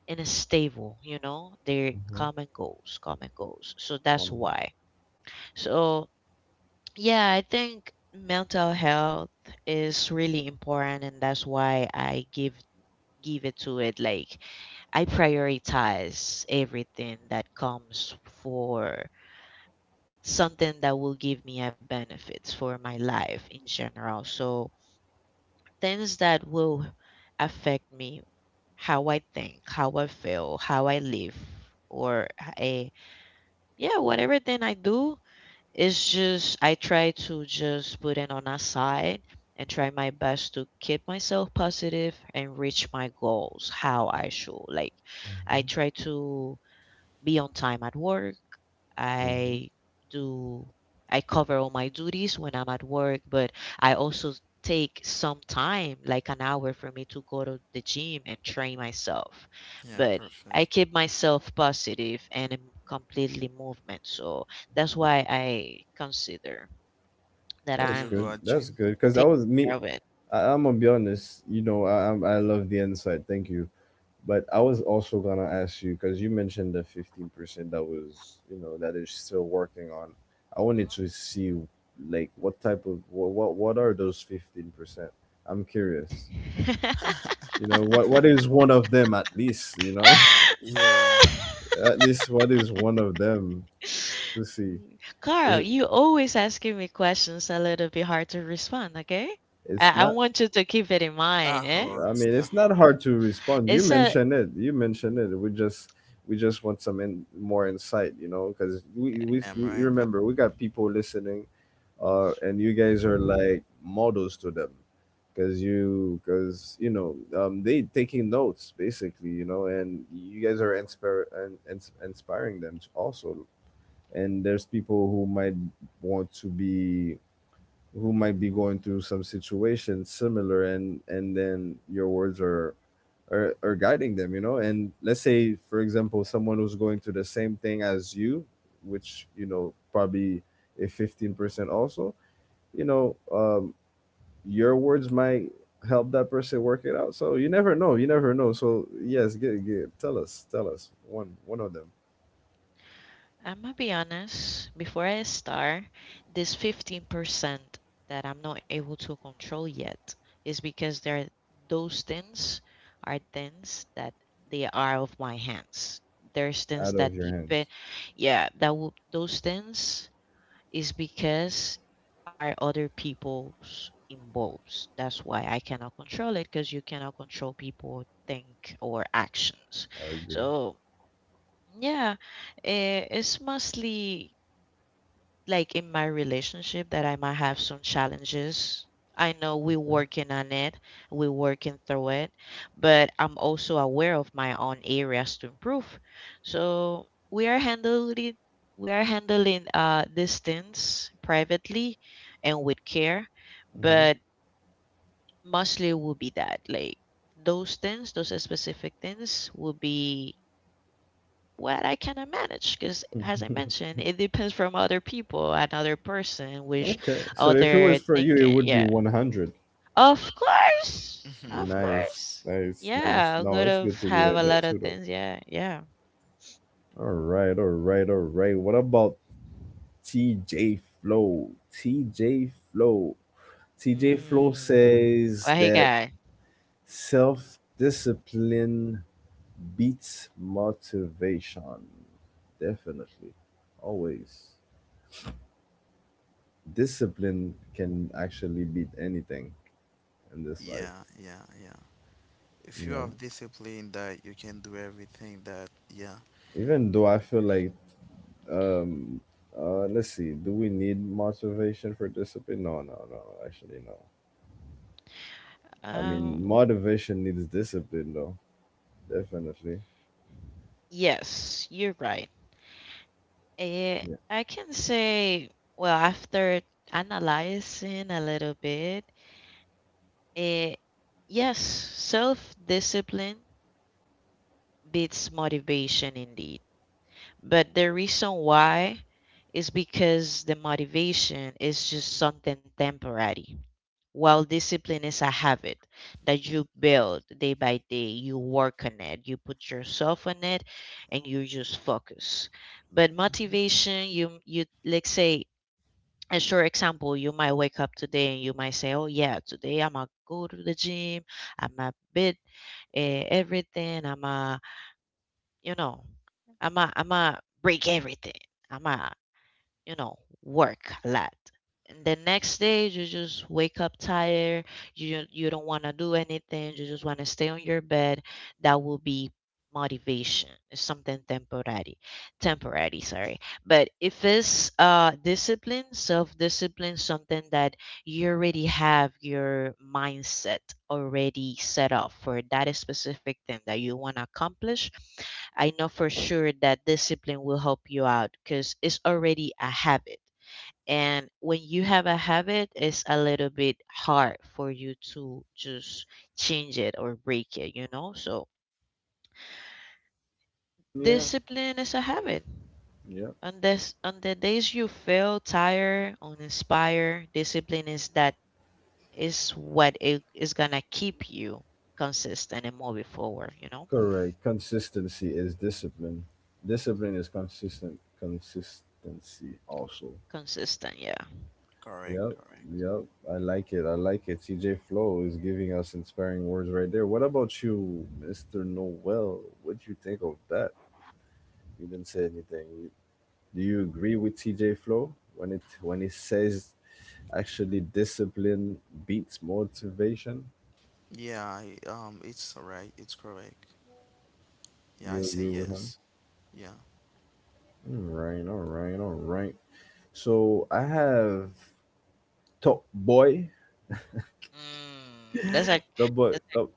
in a stable, you know, they're Mm-hmm. come and goes, come and goes. So that's Hmm. why. So yeah, I think mental health is really important and that's why I give it to it. Like, I prioritize everything that comes for something that will give me a benefit for my life in general. So things that will affect me, how I think, how I feel, how I live, or a, yeah, whatever thing I do, it's just I try to just put it on a side and try my best to keep myself positive and reach my goals how I should. Like, I try to be on time at work. hmm I do I cover all my duties when I'm at work, but I also take some time, like an hour for me to go to the gym and train myself. Yeah, But I perfect. keep myself positive and I'm completely movement. So that's why I consider that Do That's you I'm go good. at That's gym? good. Because I taking was me. care of it. I'm gonna be honest. You know, I love the insight. Thank you. But I was also gonna ask you because you mentioned the 15% that was, you know, that is still working on. I wanted to see, like, what type of what are those 15%? I'm curious. Mhm. You know, what is one of them at least? You know, Yeah, at least what is one of them to see? Mm. Is Carl, it? you always asking me questions a little bit hard to respond, okay? It's I not. want you to keep it in it's not mind, eh? hard. I It's mean, not it's not hard. hard to respond. You It's a, mentioned it. You mentioned it. We just want some more insight. You know, because we, we I'm we right. Right. remember, we got people listening. And you guys are like models to them, because you know, they taking notes basically, you know, and you guys are inspire, and inspiring them to also. And there's people who might want to be, who might be going through some situation similar, and then your words are guiding them, you know. And let's say, for example, someone who's going through the same thing as you, which, you know, probably a 15% also, you know, your words might help that person work it out. So you never know. You never know. So yes, get tell us, one of them. I'm gonna be honest, before I start, this 15% that I'm not able to control yet is because there are, those things are things that they are of my hands. There's things Out of that your hands. depend, yeah, that will, those things is because are other people's involved. That's why I cannot control it because you cannot control people think or actions. I agree. So yeah, eh, it's mostly like in my relationship that I might have some challenges. I know we're Okay. working on it, we're working through it, but I'm also aware of my own areas to improve. So we are handling these things privately and with care, hmm but mostly will be that like those things, those specific things will be what I cannot manage. Because as I mentioned, it depends from other people, another person, which Okay. So if it other was for you, it thinking. would be Yeah, 100. of course, of Nice, course. nice, nice. Yeah, I No, would it's have good to be have like a that lot too, of though. things. Yeah, yeah. All right, all right, all right. What about TJ Flow? TJ Flow Mm. says Well, hey that guy. self discipline beats motivation. Definitely. Always. Discipline can actually beat anything in this life. Yeah, yeah, yeah. If You you know, have discipline that you can do everything that yeah. even though I feel like... mm, let's see, do we need motivation for discipline? No, actually, no. I mean, Um, motivation needs discipline, though. Definitely. yes, you're right. Eh, Yeah, I can say, well, after analyzing a little bit, eh, yes, self-discipline beats motivation indeed. But the reason why is because the motivation is just something temporary, while discipline is a habit that you build day by day. You work on it, you put yourself on it, and you just focus. But Mhm. motivation, you let's say a short example, you might wake up today and you might say, "Oh yeah, today I'm gonna go to the gym. I'm going to bit, eh, everything. I'm going to, you know, I'm going to I'm going to break everything. I'ma." You know, work a lot. And the next day you just wake up tired, you don't want to do anything, you just want to stay on your bed. That will be motivation. It's something temporary. Temporary, sorry. But if it's discipline, self-discipline, something that you already have your mindset already set up for that specific thing that you want to accomplish, I know for sure that discipline will help you out because it's already a habit. And when you have a habit, it's a little bit hard for you to just change it or break it, you know? So yeah discipline is a habit. yeah On this on the days you feel tired, uninspired, discipline is that is what it is gonna keep you consistent and moving forward, you know? correct, consistency is discipline. Discipline is consistent consistency also. Consistent, yeah. Correct, Yep, correct. yep. I like it. I like it. CJ Flow is giving us inspiring words right there. What about you, Mr. Noel? What do you think of that? You didn't say anything. Do you agree with CJ Flow when he says actually discipline beats motivation? Yeah, it's right, it's correct. Yeah, I You say agree with him? yes. Yeah. All right, all right, all right. So I have Top Boy, Mm, that's a Top Boy, that's Top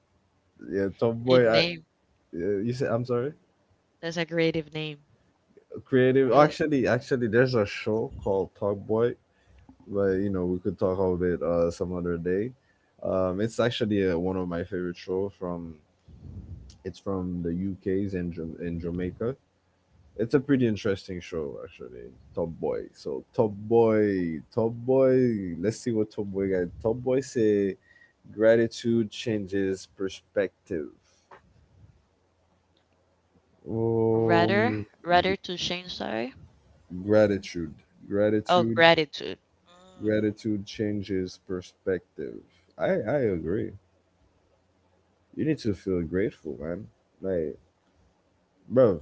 yeah, Top great Boy. Name. Yeah, you said... I'm sorry. That's a creative name. Creative. It would- Actually, there's a show called Talkboy, but you know, we could talk about it some other day. It's actually one of my favorite show from... it's from the UK's in, in Jamaica. It's a pretty interesting show, actually, Top Boy. So Top Boy, let's see what Top Boy got. Top Boy say gratitude changes perspective. Rather, um rather to change, sorry. Gratitude. Oh, gratitude gratitude. Mm, Gratitude changes perspective. I agree. You need to feel grateful, man. Like, bro,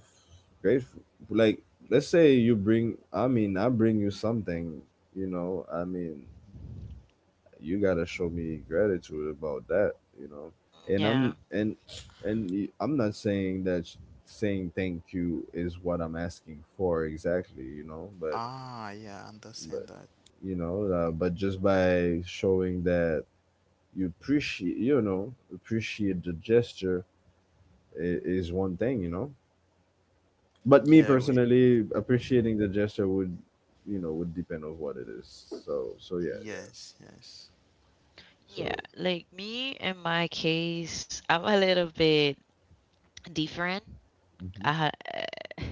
grateful. Like, let's say you bring... I mean, I bring you something. You know, I mean, you gotta show me gratitude about that. You know, and yeah. I'm and and I'm not saying that saying thank you is what I'm asking for exactly. You know, but Ah, yeah, but understand that. you know, but just by showing that you appreciate, you know, appreciate the gesture is one thing, you know. But me Yeah, we personally, appreciating the gesture would, you know, would depend on what it is. Yeah. Yes, yes. Yeah. so Like me, in my case, I'm a little bit different. hmm I ha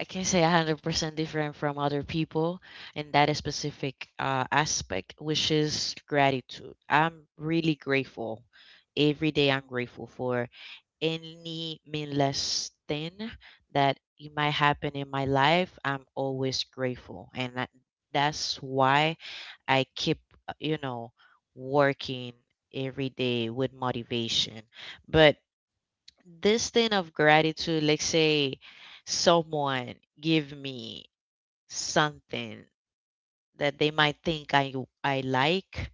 I can not say 100% different from other people in that specific aspect, which is gratitude. I'm really grateful. Every day I'm grateful for any meaningless thing that it might happen in my life, I'm always grateful. And that, that's why I keep, you know, working every day with motivation. But this thing of gratitude, let's say someone give me something that they might think I like,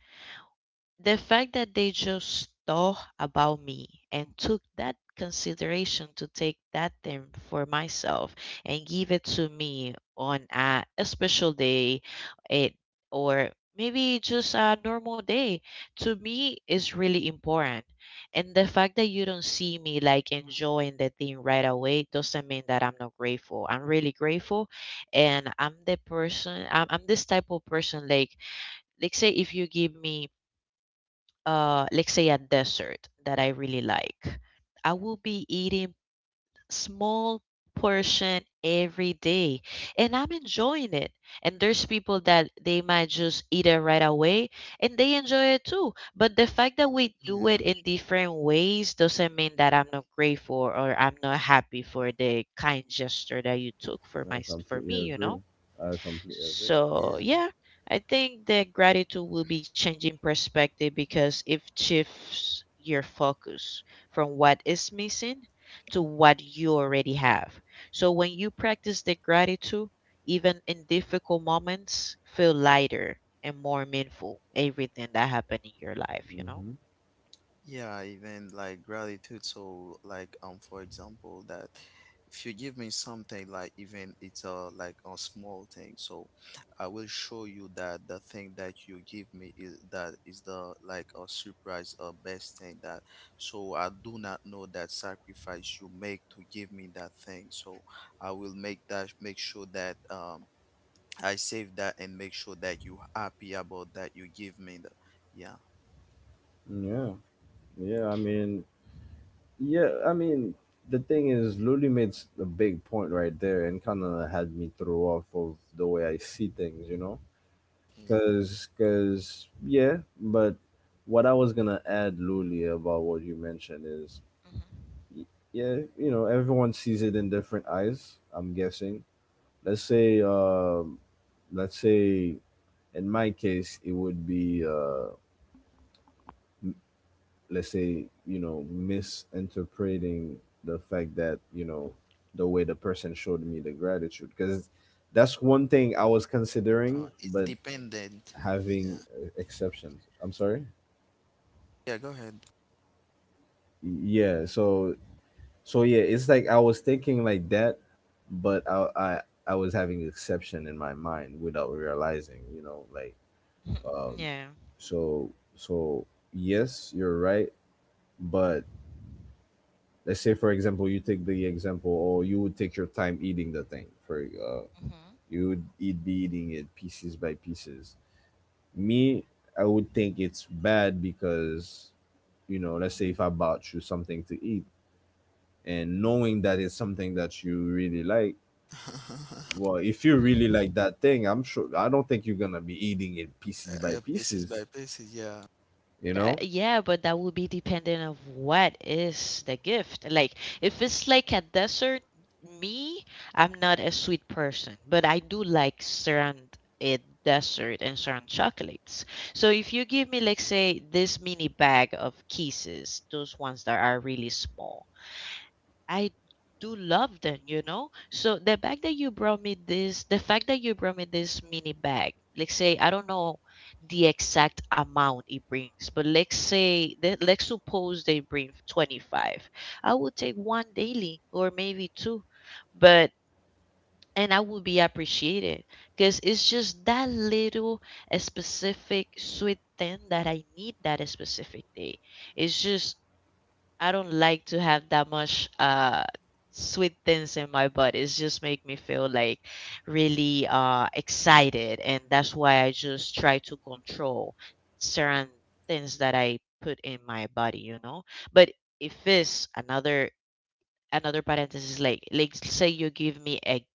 the fact that they just thought about me and took that consideration to take that thing for myself and give it to me on a special day, it, or maybe just a normal day, to me is really important, and the fact that you don't see me like enjoying the thing right away doesn't mean that I'm not grateful, I'm really grateful. And I'm the person I'm this type of person, like say if you give me, let's say a dessert that I really like, I will be eating small portion every day and I'm enjoying it. And there's people that they might just eat it right away and they enjoy it too. But the fact that we do Yeah. it in different ways doesn't mean that I'm not grateful or I'm not happy for the kind gesture that you took for I my for completely me, you agree. know? i completely agree So, Yeah. yeah, I think that gratitude will be changing perspective because it shifts your focus from what is missing to what you already have. So, when you practice the gratitude, even in difficult moments, feel lighter and more meaningful everything that happened in your life, you know? hmm Yeah, even like gratitude. So like for example that if you give me something like even it's a like a small thing, so I will show you that the thing that you give me is that is the like a surprise a best thing that so I do not know that sacrifice you make to give me that thing. So I will make that make sure that I save that and make sure that you happy about that you give me the yeah. yeah. yeah i mean yeah I mean, the thing is, Luli made a big point right there, and kind of had me throw off of the way I see things, you know. Yeah. Yeah. But what I was gonna add, Luli, about what you mentioned is, Hmm. y- yeah, you know, everyone sees it in different eyes, I'm guessing. Let's say, um, let's say, in my case, it would be, m- let's say, you know, misinterpreting the fact that, you know, the way the person showed me the gratitude, because that's one thing I was considering, It's but dependent. Yeah. having exceptions. I'm sorry. Yeah, go ahead. Yeah, yeah, it's like I was thinking like that. But I was having exception in my mind without realizing, you know, like, um Yeah. so so yes, you're right. But let's say, for example, you take the example, or you would take your time eating the thing for Hmm. you would eating it pieces by pieces. Me, I would think it's bad because, you know, let's say if I bought you something to eat and knowing that it's something that you really like... Well, if you really like that thing, I'm sure I don't think you're gonna be eating it pieces by pieces pieces, by pieces, yeah. you know? That, yeah, but that will be dependent of what is the gift. Like, if it's like a dessert, me, I'm not a sweet person, but I do like certain a dessert and certain chocolates. So if you give me, like say, this mini bag of kisses, those ones that are really small, I do love them, you know. So the bag that you brought me this, the fact that you brought me this mini bag, let's say I don't know the exact amount it brings, but let's say let's suppose they bring 25. I will take one daily or maybe two, but, and I will be appreciated because it's just that little a specific sweet thing that I need that a specific day. It's just, I don't like to have that much sweet things in my body. It just make me feel like really excited and that's why I just try to control certain things that I put in my body, you know. But if it's another parenthesis, like say you give me a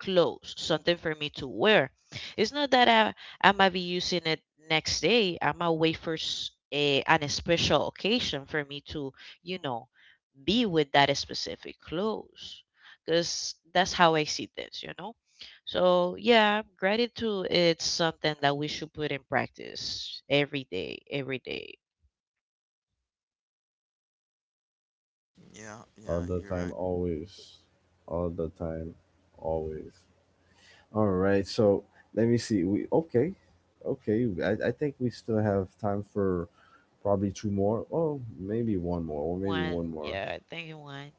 clothes, something for me to wear. It's not that I might be using it next day. I might wait for a, an special occasion for me to, you know, be with that specific clothes. Because that's how I see this, you know? So, yeah, gratitude, it's something that we should put in practice every day, every day. Yeah, All yeah, the you're time, right. always. All the time, always. All right, so let me see. We okay. Okay. I think we still have time for probably two more. Oh, maybe one more, or maybe One, one more. yeah, I think one.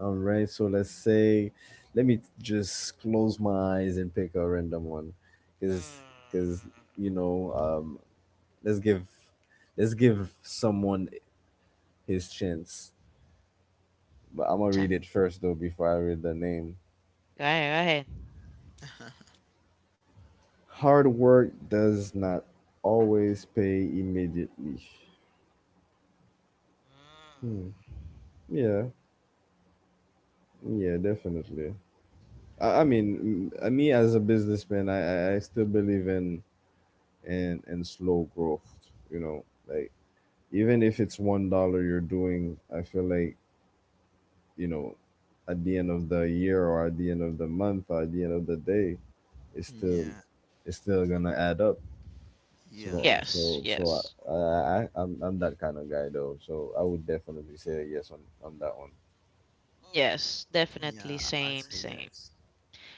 All right, so let's say... let me just close my eyes and pick a random one. Cause, cause Mm, You know, Let's give let's give someone his chance. But I'm gonna read it ten. first though before I read the name. Go ahead, go ahead. Hard work does not always pay immediately. Mm. Hmm. Yeah, yeah, definitely. Me as a businessman, I still believe in slow growth. You know, like, even if it's $1 you're doing, I feel like, you know, at the end of the year, or at the end of the month, or at the end of the day, it's still Yeah, gonna add up. yeah, So yeah, Yes, so so yes, I'm that kind of guy though. So I would definitely say yes on that one. yes, definitely yeah. I same, say same. yes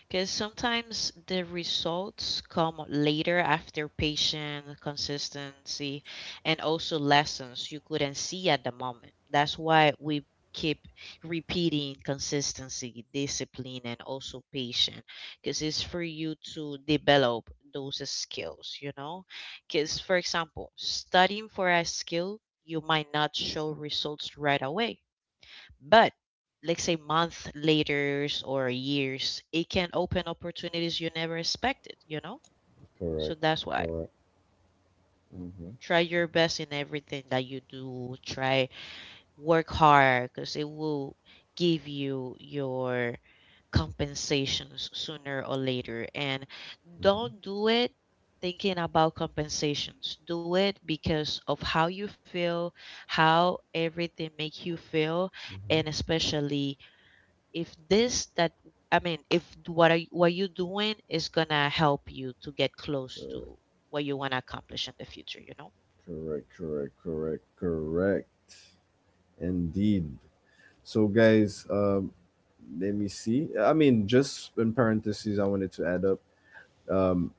Because sometimes the results come later after patient consistency and also lessons you couldn't see at the moment. That's why we keep repeating consistency, discipline, and also patience because it's for you to develop those skills, you know? Because, for example, studying for a skill, you might not show results right away. But let's say month later or years, it can open opportunities you never expected, you know? So Correct. that's why Correct. Mm-hmm. try your best in everything that you do. Try, work hard because it will give you your compensations sooner or later. And Mm-hmm. don't do it thinking about compensations. Do it because of how you feel, how everything make you feel, and hmm especially if this that, I mean, if what are what you doing is gonna help you to get close Correct, to what you want to accomplish in the future, you know? correct, correct, correct, correct. Indeed. So, guys, let me see. I mean, just in parentheses, I wanted to add up. Um,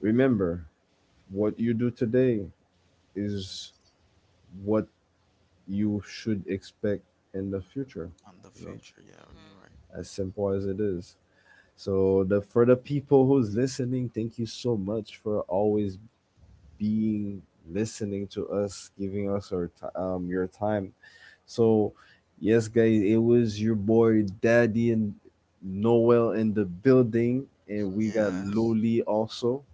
Remember, what you do today is what you should expect in the future, on the you know. future. Yeah, you're right. Hmm. As simple as it is. So the for the people who's listening, thank you so much for always being, listening to us, giving us our ti your time. So, yes, guys, it was your boy Daddy and Noel in the building, and we got Yeah, Loli also.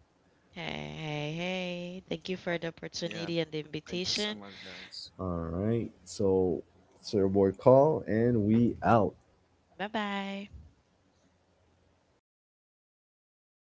Hey, hey, hey! Thank you for the yeah. opportunity and the Thank you so much, invitation. guys. All right, so your boy call and we out. Bye bye.